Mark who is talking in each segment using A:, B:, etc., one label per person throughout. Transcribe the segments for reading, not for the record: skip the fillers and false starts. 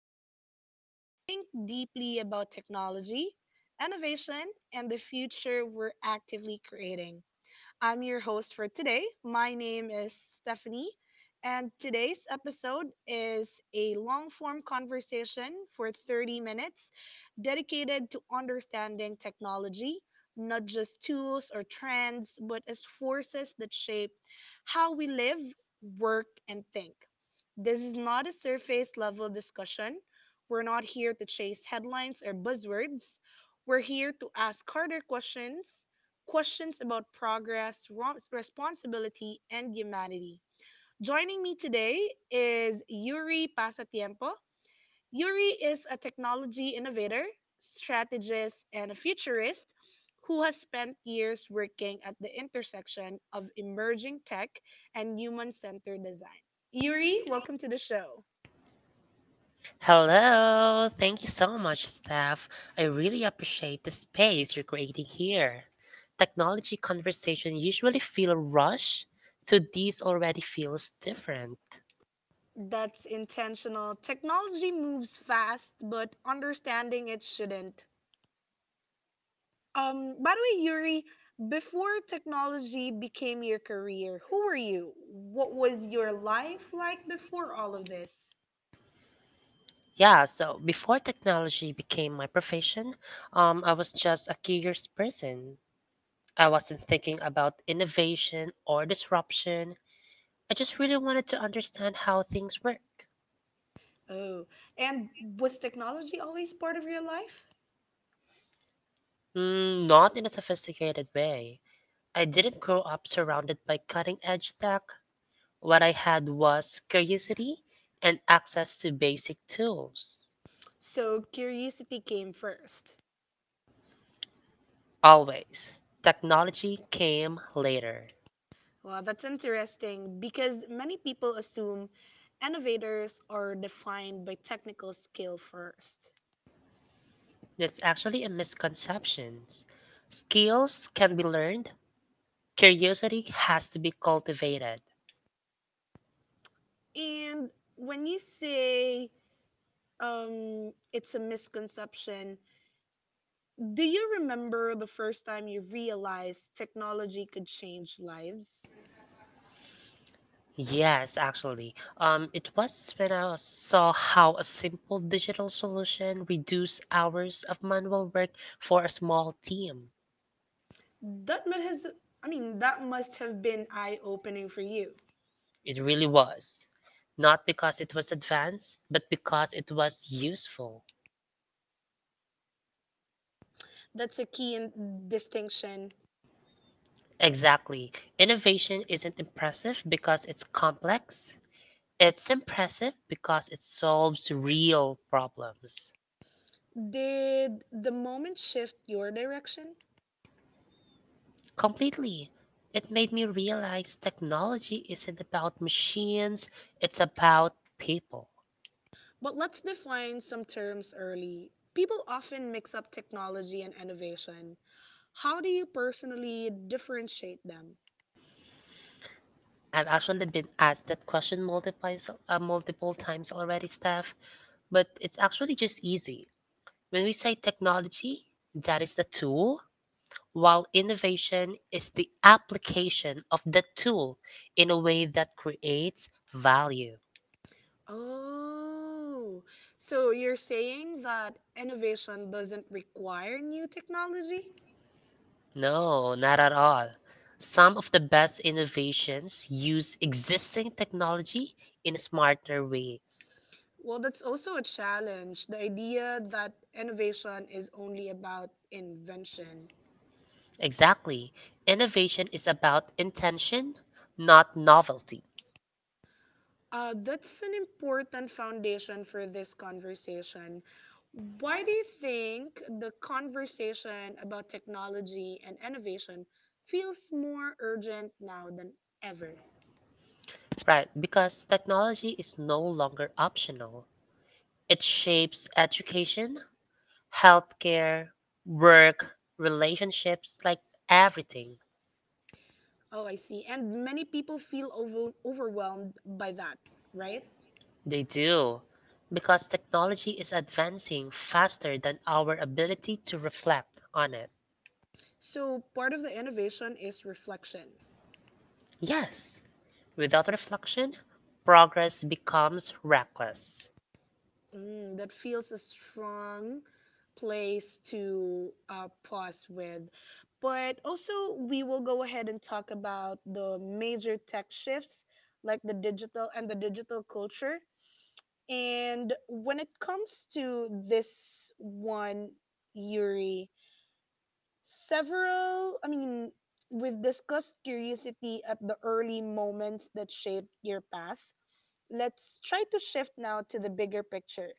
A: down and think deeply about technology, innovation, and the future we're actively creating. I'm your host for today. My name is Stephanie, and today's episode is a long form conversation for 30 minutes dedicated to understanding technology, not just tools or trends, but as forces that shape how we live, work, and think. This is not a surface level discussion. We're not here to chase headlines or buzzwords. We're here to ask harder questions, questions about progress, responsibility, and humanity. Joining me today is Yuri Pasatiempo. Yuri is a technology innovator, strategist, and a futurist who has spent years working at the intersection of emerging tech and human centered design. Yuri, welcome to the show.
B: Hello, thank you so much, Steph. I really appreciate the space you're creating here. Technology conversation usually feel rushed, so this already feels different.
A: That's intentional. Technology moves fast, but understanding it shouldn't. By the way, Yuri, before technology became your career, who were you? What was your life like before all of this?
B: Yeah, so before technology became my profession, I was just a curious person. I wasn't thinking about innovation or disruption. I just really wanted to understand how things work.
A: Oh, and was technology always part of your life?
B: Not in a sophisticated way I didn't grow up surrounded by cutting edge tech. What I had was curiosity and access to basic tools.
A: So curiosity came first.
B: Always. Technology came later.
A: Well, that's interesting because many people assume innovators are defined by technical skill first.
B: That's actually a misconception. Skills can be learned, curiosity has to be cultivated.
A: And when you say it's a misconception, do you remember the first time you realized technology could change lives?
B: Yes, actually. It was when saw how a simple digital solution reduced hours of manual work for a small team.
A: That must has I mean that must have been eye-opening for you.
B: It really was. Not because it was advanced, but because it was useful.
A: That's a key distinction.
B: Exactly. Innovation isn't impressive because it's complex. It's impressive because it solves real problems.
A: Did the moment shift your direction?
B: Completely. It made me realize technology isn't about machines, it's about people.
A: But let's define some terms early. People often mix up technology and innovation. How do you personally differentiate them?
B: I've actually been asked that question multiple times already, Steph, but it's actually just easy. When we say technology, that is the tool, while innovation is the application of the tool in a way that creates value.
A: Oh, so you're saying that innovation doesn't require new technology?
B: No, not at all. Some of the best innovations use existing technology in smarter ways.
A: Well, that's also a challenge. The idea that innovation is only about invention.
B: Exactly. Innovation is about intention, not novelty.
A: That's an important foundation for this conversation. Why do you think the conversation about technology and innovation feels more urgent now than ever?
B: Right, because technology is no longer optional. It shapes education, healthcare, work, relationships, like everything.
A: Oh, I see. And many people feel overwhelmed by that, right?
B: They do, because technology is advancing faster than our ability to reflect on it.
A: So, part of the innovation is reflection.
B: Yes, without reflection, progress becomes reckless.
A: Mm, that feels a strong place to pause with. But also, we will go ahead and talk about the major tech shifts, like the digital and the digital culture. And when it comes to this one, Yuri, several, I mean, we've discussed curiosity at the early moments that shaped your path. Let's try to shift now to the bigger picture.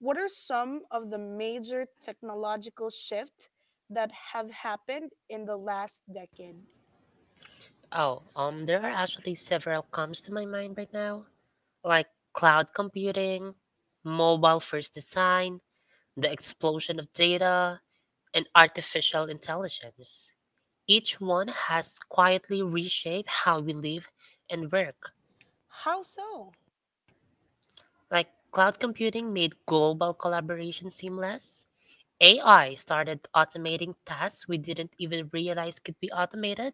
A: What are some of the major technological shifts that have happened in the last decade?
B: Oh, there are actually several comes to my mind right now, like cloud computing, mobile first design, the explosion of data, and artificial intelligence. Each one has quietly reshaped how we live and work.
A: How so?
B: Like cloud computing made global collaboration seamless. AI started automating tasks we didn't even realize could be automated.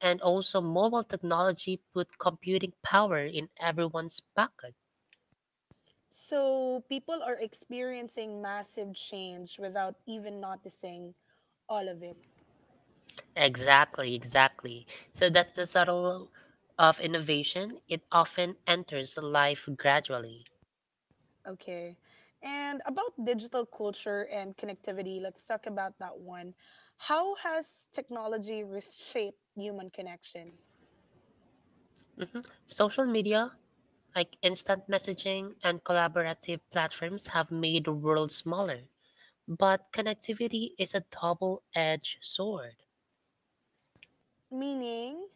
B: And also, mobile technology put computing power in everyone's pocket.
A: So, people are experiencing massive change without even noticing all of it.
B: Exactly, exactly. So that's the subtle of innovation. It often enters life gradually.
A: Okay. And about digital culture and connectivity, let's talk about that one. How has technology reshaped human connection?
B: Social media Like instant messaging and collaborative platforms have made the world smaller. But connectivity is a double edged sword,
A: Meaning,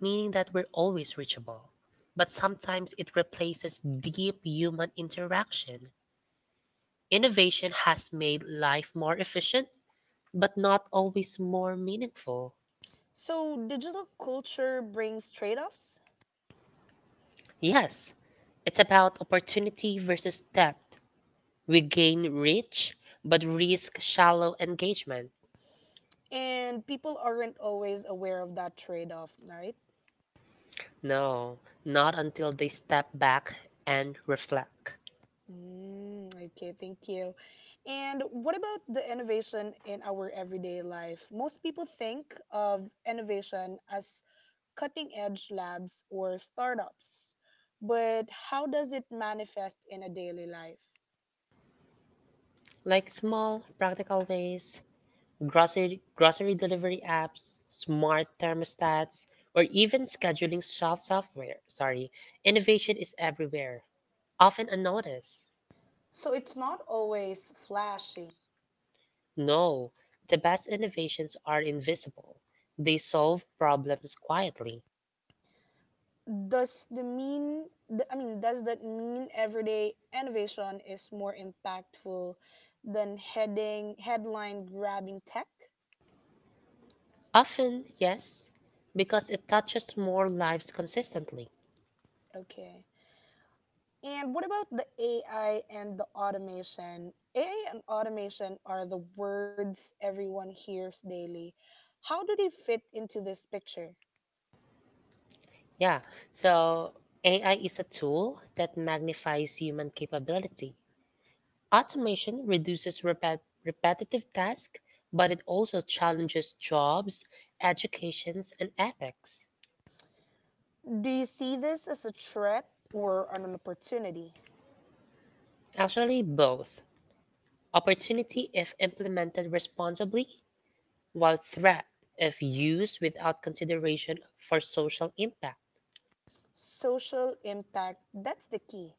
B: meaning that we're always reachable. But sometimes it replaces deep human interaction. Innovation has made life more efficient, but not always more meaningful.
A: so digital culture brings trade offs,
B: Yes, it's about opportunity versus depth. We gain reach, but risk shallow engagement.
A: and people aren't always aware of that trade off, right?
B: No, not until they step back and reflect.
A: Mm, okay, thank you. And what about the innovation in our everyday life? Most people think of innovation as cutting edge labs or startups. But how does it manifest in a daily life?
B: Like small, practical ways, grocery delivery apps, smart thermostats, or even scheduling soft software. Sorry, innovation is everywhere, often unnoticed.
A: So it's not always flashy.
B: No, the best innovations are invisible. They solve problems quietly.
A: Does the mean th- I mean does that mean everyday innovation is more impactful than heading headline grabbing tech?
B: Often, yes, because it touches more lives consistently.
A: Okay. And what about the AI and the automation? AI and automation are the words everyone hears daily. How do they fit into this picture?
B: Yeah. So AI is a tool that magnifies human capability. Automation reduces repetitive tasks, but it also challenges jobs, educations, and ethics.
A: Do you see this as a threat or an opportunity?
B: Actually, both. Opportunity if implemented responsibly, while threat if used without consideration for social impact.
A: Social impact, that's the key.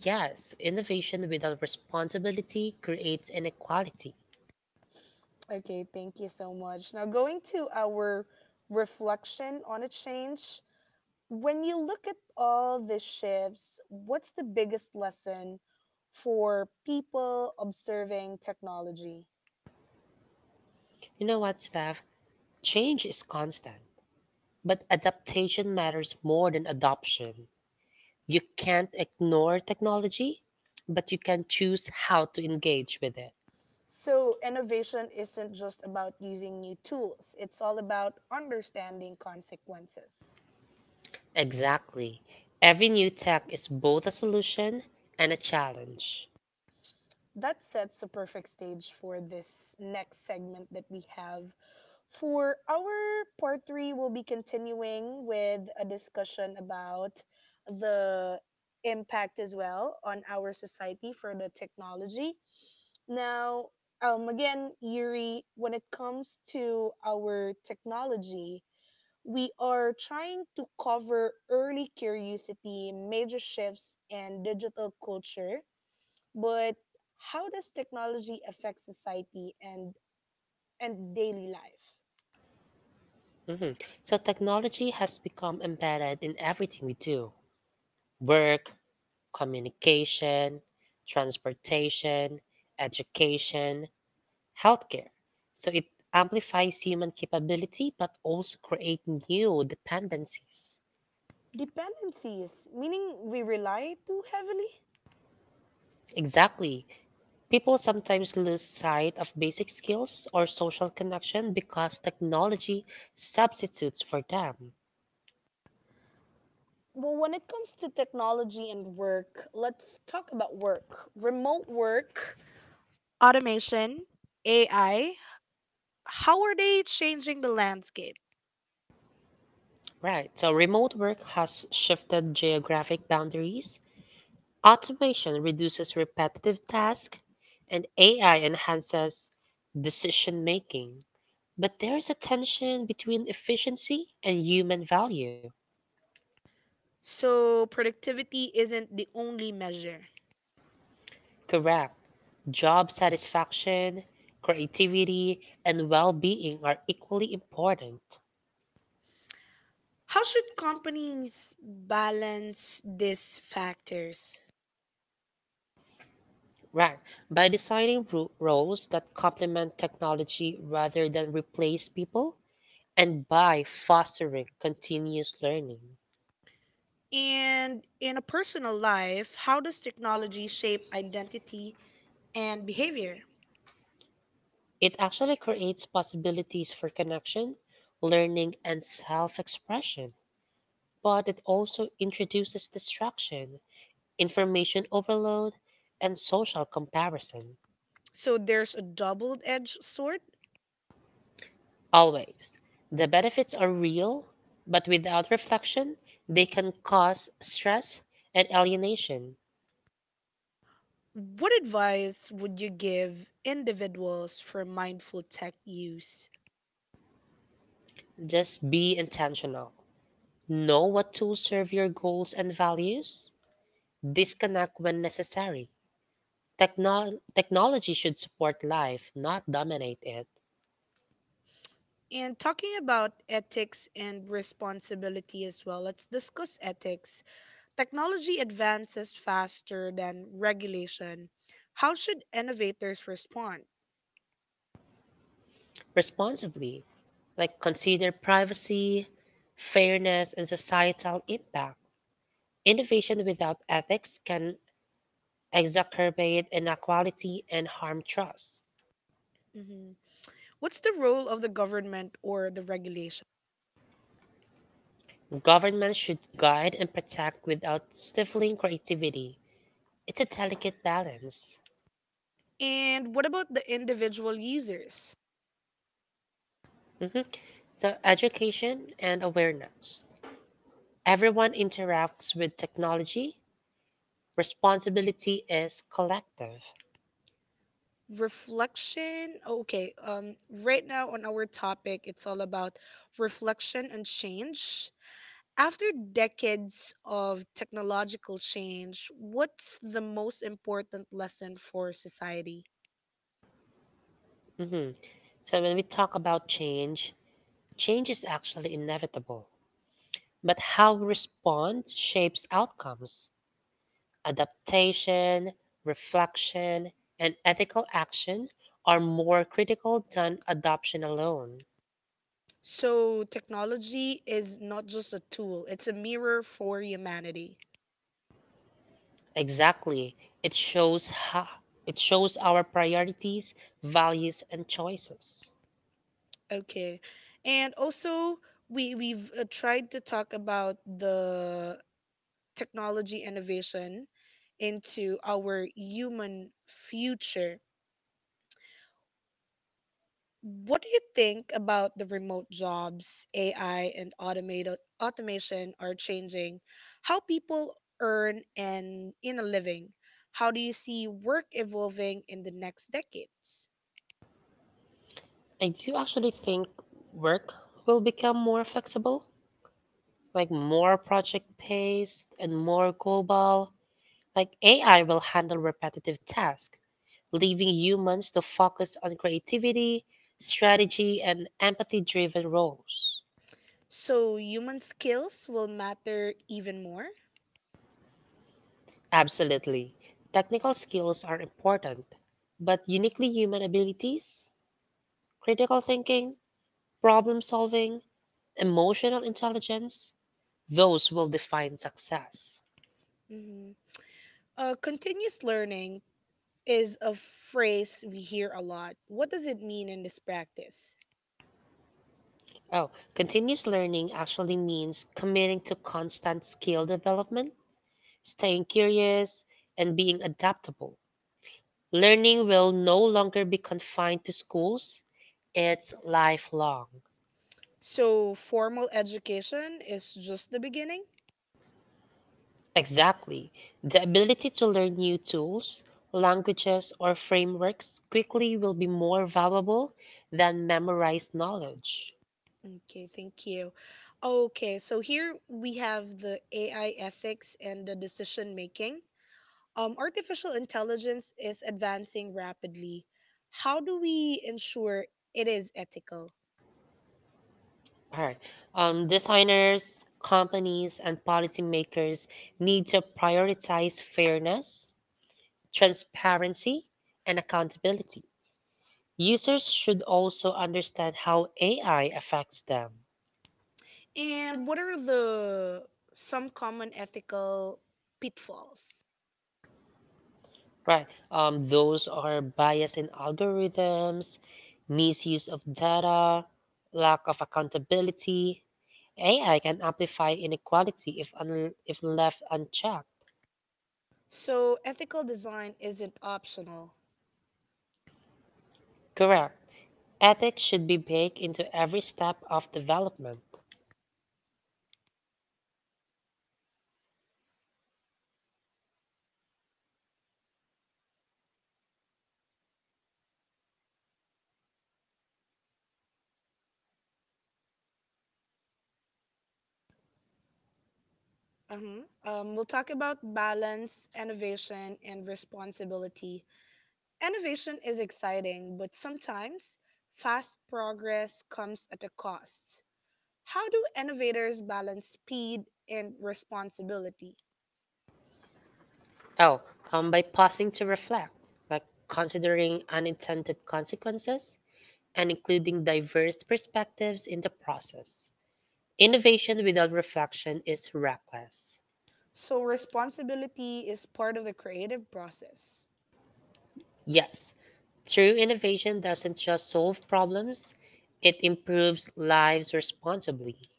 B: Yes, innovation without responsibility creates inequality.
A: Okay, thank you so much. Now, going to our reflection on a change, when you look at all the shifts, what's the biggest lesson for people observing technology?
B: You know what, Steph? Change is constant But adaptation matters more than adoption. You can't ignore technology, but you can choose how to engage with it.
A: So, innovation isn't just about using new tools, it's all about understanding consequences.
B: Exactly. Every new tech is both a solution and a challenge.
A: That sets a perfect stage for this next segment that we have. For our part three, we'll be continuing with a discussion about the impact as well on our society for the technology. Now, again, Yuri, when it comes to our technology, we are trying to cover early curiosity, major shifts, and digital culture but how does technology affect society and daily life?
B: Mhm. So, technology has become embedded in everything we do work, communication, transportation, education, healthcare. So it amplifies human capability but also creates new dependencies.
A: Dependencies, meaning we rely too heavily?
B: Exactly. People sometimes lose sight of basic skills or social connection because technology substitutes for them.
A: Well, when it comes to technology and work, let's talk about work. Remote work, automation, AI, how are they changing the landscape?
B: Right. So remote work has shifted geographic boundaries. Automation reduces repetitive tasks and AI enhances decision making. But there is a tension between efficiency and human value.
A: So, productivity isn't the only measure.
B: Correct. Job satisfaction, creativity, and well being are equally important.
A: How should companies balance these factors?
B: Right. By designing roles that complement technology rather than replace people, and by fostering continuous learning,
A: And in a personal life, how does technology shape identity and behavior?
B: it actually creates possibilities for connection, learning, and self expression. But it also introduces distraction, information overload, and social comparison.
A: So there's a double edged sword.
B: Always. The benefits are real, but without reflection, they can cause stress and alienation.
A: What advice would you give individuals for mindful tech use?
B: Just be intentional. Know what tools serve your goals and values. Disconnect when necessary. Technology should support life, not dominate it.
A: And talking about ethics and responsibility as well, let's discuss ethics. Technology advances faster than regulation. How should innovators respond?
B: Responsibly, like consider privacy, fairness, and societal impact. Innovation without ethics can exacerbate inequality and harm trust.
A: Mm-hmm. What's the role of the government or the regulation?
B: Government should guide and protect without stifling creativity. It's a delicate balance.
A: And what about the individual users?
B: Mhm. So, education and awareness. Everyone interacts with technology. Responsibility is collective.
A: Reflection. Oh, okay, right now on our topic, it's all about reflection and change. After decades of technological change, what's the most important lesson for society?
B: Mhm. So, when we talk about change, change is actually inevitable. But how we respond shapes outcomes. Adaptation, reflection, and ethical action are more critical than adoption alone.
A: So, technology is not just a tool, it's a mirror for humanity.
B: Exactly. It shows how, it shows our priorities, values, and choices.
A: Okay. And also, we've tried to talk about the technology innovation into our human future. What do you think about the remote jobs, AI and automated automation are changing how people earn and in a living? How do you see work evolving in the next decades?
B: I do actually think work will become more flexible, like more project based and more global. Like AI will handle repetitive tasks, leaving humans to focus on creativity, strategy, and empathy driven roles.
A: So human skills will matter even more.
B: Absolutely. Technical skills are important, but uniquely human abilities, critical thinking, problem solving, emotional intelligence, those will define success.
A: Mm-hmm. Continuous learning is a phrase we hear a lot. What does it mean in this practice?
B: Oh, continuous learning actually means committing to constant skill development, staying curious, and being adaptable. Learning will no longer be confined to schools, it's lifelong.
A: So, formal education is just the beginning?
B: Exactly. The ability to learn new tools, languages, or frameworks quickly will be more valuable than memorized knowledge.
A: Okay, thank you. Okay, so here we have the AI ethics and the decision making. Artificial intelligence is advancing rapidly. How do we ensure it is ethical?
B: Alright. Designers, companies, and policymakers need to prioritize fairness, transparency, and accountability. Users should also understand how AI affects them.
A: And what are the some common ethical pitfalls?
B: Right. Those are bias in algorithms, misuse of data, lack of accountability. AI can amplify inequality if left unchecked.
A: So, ethical design isn't optional.
B: Correct. Ethics should be baked into every step of development.
A: Uh-huh. We'll talk about balance, innovation, and responsibility. Innovation is exciting, but sometimes fast progress comes at a cost. How do innovators balance speed and responsibility?
B: Oh, by pausing to reflect, like considering unintended consequences and including diverse perspectives in the process. Innovation without reflection is reckless.
A: So responsibility is part of the creative process.
B: Yes, true innovation doesn't just solve problems, it improves lives responsibly.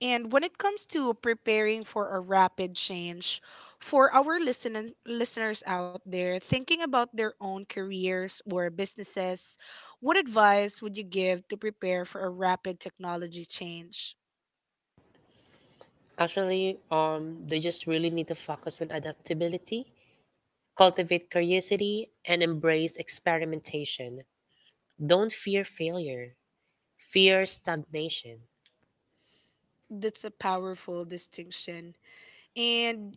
A: And when it comes to preparing for a rapid change, for our listeners out there thinking about their own careers or businesses, what advice would you give to prepare for a rapid technology change?
B: They just really need to focus on adaptability, cultivate curiosity, and embrace experimentation. Don't fear failure, fear stagnation.
A: That's a powerful distinction. And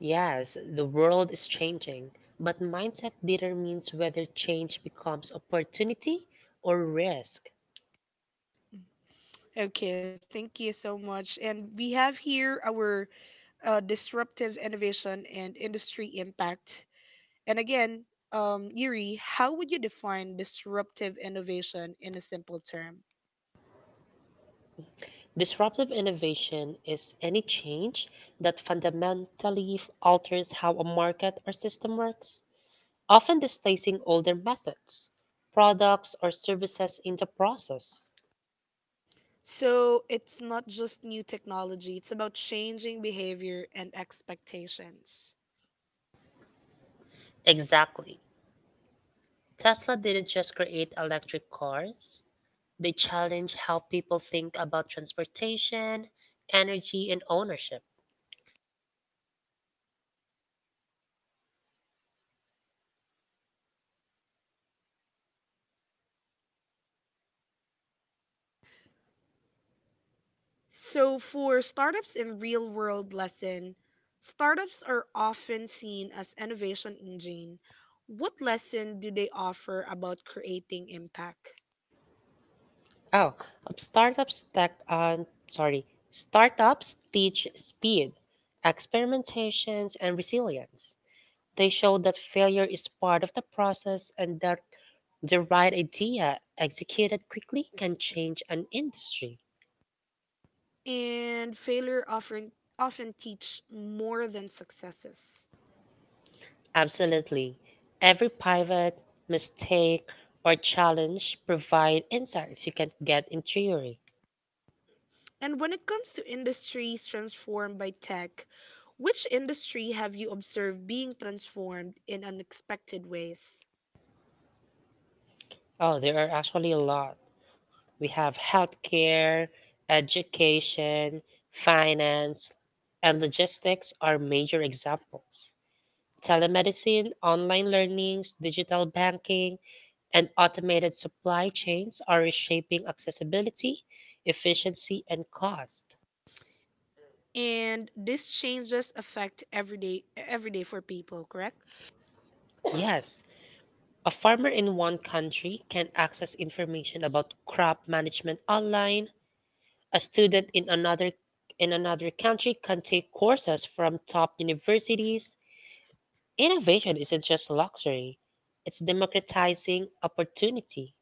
B: Yes, the world is changing, but mindset determines whether change becomes opportunity or risk.
A: okay, thank you so much. And we have here our disruptive innovation and industry impact. And again, Yuri, how would you define disruptive innovation in a simple term?
B: Disruptive innovation is any change that fundamentally alters how a market or system works, often displacing older methods, products, or services in the process.
A: So it's not just new technology, it's about changing behavior and expectations.
B: Exactly. Tesla didn't just create electric cars, they challenged how people think about transportation, energy, and ownership.
A: So for startups in real world lesson, startups are often seen as innovation engine. What lesson do they offer about creating impact?
B: Oh, um, startups tech, uh, Startups teach speed, experimentations, and resilience. They show that failure is part of the process and that the right idea executed quickly can change an industry.
A: And failure often often teach more than successes.
B: Absolutely. Every pivot, mistake, or challenge provide insights you can't get in theory.
A: And when it comes to industries transformed by tech, which industry have you observed being transformed in unexpected ways?
B: Oh, there are actually a lot. We have healthcare, education, finance, and logistics are major examples. Telemedicine, online learnings, digital banking, and automated supply chains are reshaping accessibility, efficiency, and cost.
A: And these changes affect everyday for people, correct?
B: Yes, a farmer in one country can access information about crop management online. A student in another country can take courses from top universities Innovation isn't just luxury, it's democratizing opportunity.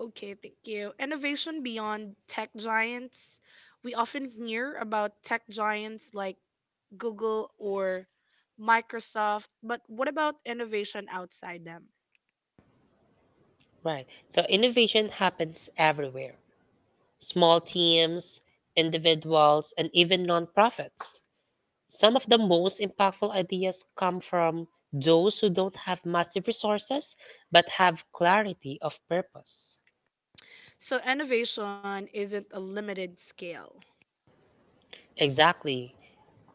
A: Okay, thank you. Innovation beyond tech giants. We often hear about tech giants like Google, or Microsoft, but what about innovation outside them?
B: Right. So innovation happens everywhere small teams, individuals, and even nonprofits. Some of the most impactful ideas come from those who don't have massive resources but have clarity of purpose.
A: So, innovation isn't a limited scale.
B: Exactly.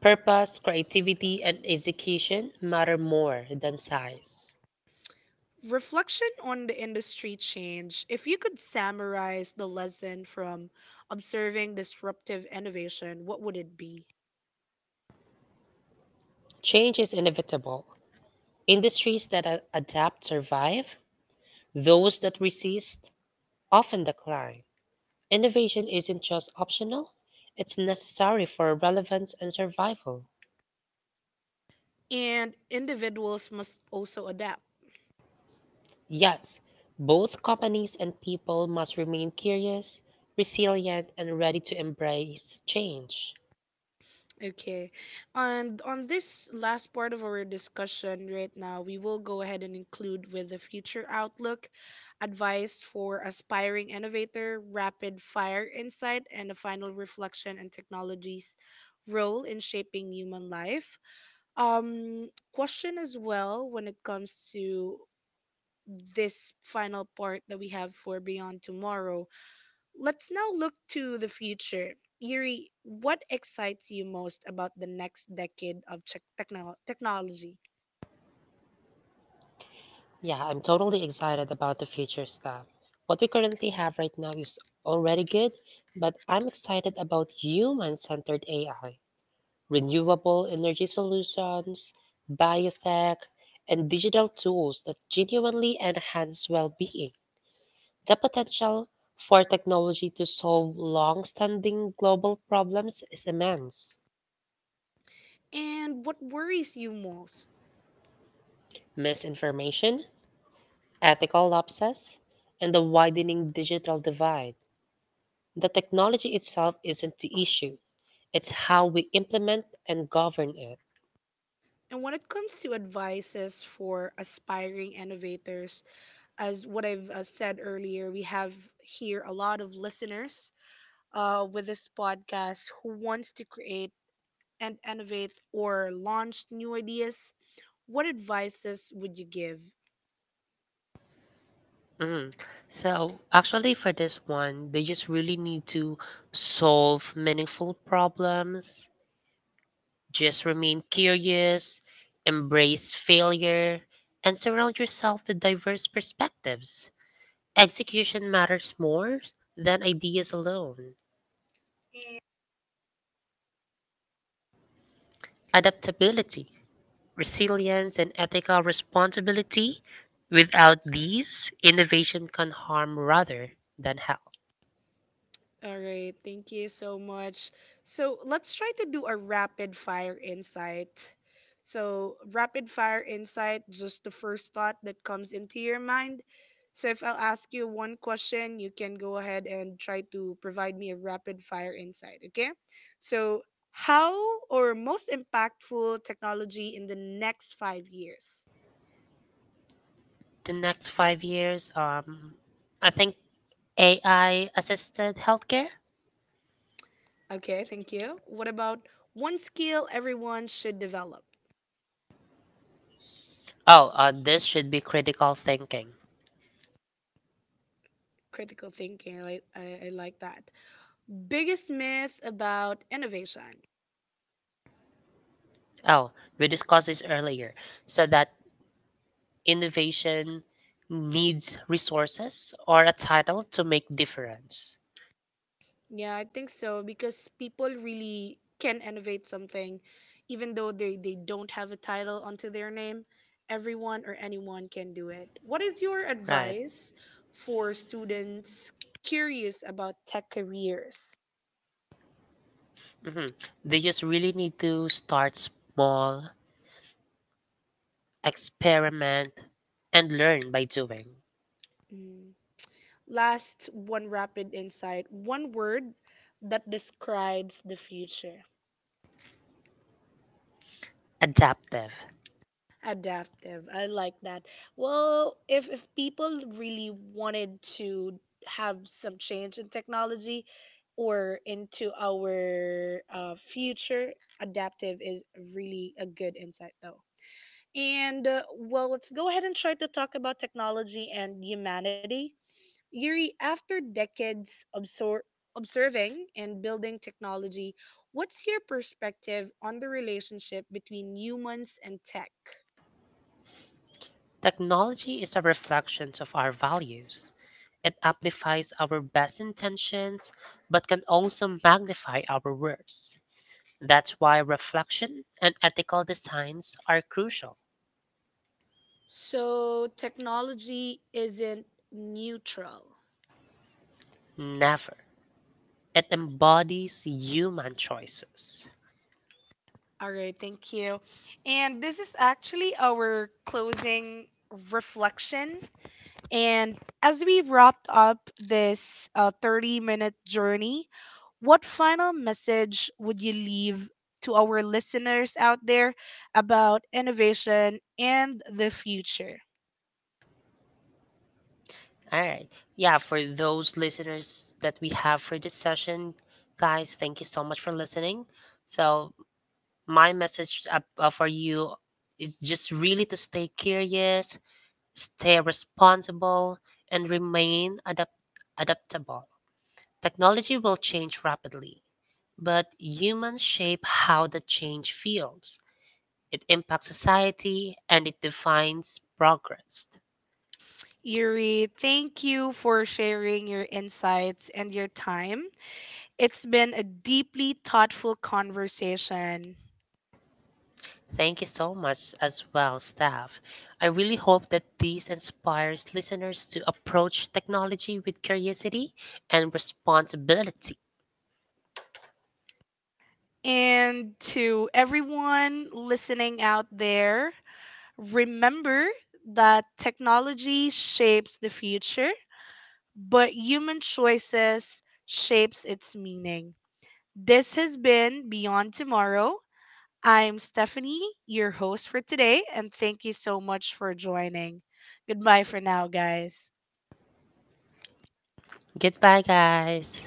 B: Purpose, creativity, and execution matter more than size.
A: Reflection on the industry change. If you could summarize the lesson from observing disruptive innovation, what would it be?
B: Change is inevitable, Industries that adapt survive, those that resist often decline. Innovation isn't just optional, it's necessary for relevance and survival.
A: And individuals must also adapt.
B: Yes, both companies and people must remain curious, resilient, and ready to embrace change.
A: Okay. And on this last part of our discussion right now, we will go ahead and include with the future outlook, advice for aspiring innovator, rapid fire insight, and a final reflection on technology's role in shaping human life. Question as well when it comes to this final part that we have for Beyond Tomorrow. Let's now look to the future. Yuri, what excites you most about the next decade of technology?
B: Yeah, I'm totally excited about the future stuff. What we currently have right now is already good, but I'm excited about human centered AI. Renewable energy solutions, biotech, and digital tools that genuinely enhance well being. The potential for technology to solve long standing global problems is immense.
A: And what worries you most?
B: Misinformation, ethical lapses, and the widening digital divide. The technology itself isn't the issue, it's how we implement and govern it.
A: And when it comes to advices for aspiring innovators, as what I've said earlier, we have here a lot of listeners with this podcast who wants to create and innovate or launch new ideas. What advices would you give?
B: Mm. So, actually, for this one, they just really need to solve meaningful problems, just remain curious, embrace failure, and surround yourself with diverse perspectives. Execution matters more than ideas alone. Adaptability, resilience, and ethical responsibility without these, innovation can harm rather than help.
A: All right, thank you so much. So let's try to do a rapid fire insight. So, rapid fire insight, just the first thought that comes into your mind. So, if I'll ask you one question, you can go ahead and try to provide me a rapid fire insight, okay? So, how or most impactful technology in the next 5 years?
B: The next 5 years, I think AI assisted healthcare?
A: Okay, thank you. What about one skill everyone should develop?
B: Oh, this should be critical thinking.
A: Critical thinking, I like that. Biggest myth about innovation.
B: Oh, we discussed this earlier. So that innovation needs resources or a title to make difference.
A: Yeah, I think so because people really can innovate something even though they don't have a title onto their name. Everyone or anyone can do it. What is your
B: Right.
A: advice for students curious about tech careers?
B: hmm They just really need to start small, experiment, and learn by doing.
A: Mm. Last one rapid insight, one word that describes the future.
B: Adaptive.
A: Adaptive. I like that. Well, if people really wanted to have some change in technology or into our future, adaptive is really a good insight though. And well, let's go ahead and try to talk about technology and humanity. Yuri, after decades observing and building technology, what's your perspective on the relationship between humans and tech?
B: Technology is a reflection of our values. It amplifies our best intentions, but can also magnify our worst. That's why reflection and ethical designs are crucial.
A: So technology isn't neutral.
B: Never. It embodies human choices.
A: All right, thank you. And this is actually our closing reflection. And as we wrapped up this 30-minute journey, what final message would you leave to our listeners out there about innovation and the future?
B: All right. Yeah, for those listeners that we have for this session, guys, thank you so much for listening. So, my message for you is just really to stay curious, stay responsible, and remain adaptable. Technology will change rapidly, but humans shape how the change feels. It impacts society and it defines progress.
A: Yuri, thank you for sharing your insights and your time. It's been a deeply thoughtful conversation.
B: Thank you so much as well, staff. I really hope that this inspires listeners to approach technology with curiosity and responsibility.
A: And to everyone listening out there, remember that technology shapes the future, but human choices shapes its meaning. This has been Beyond Tomorrow. I'm Stephanie, your host for today, and thank you so much for joining. Goodbye for now, guys.
B: Goodbye, guys.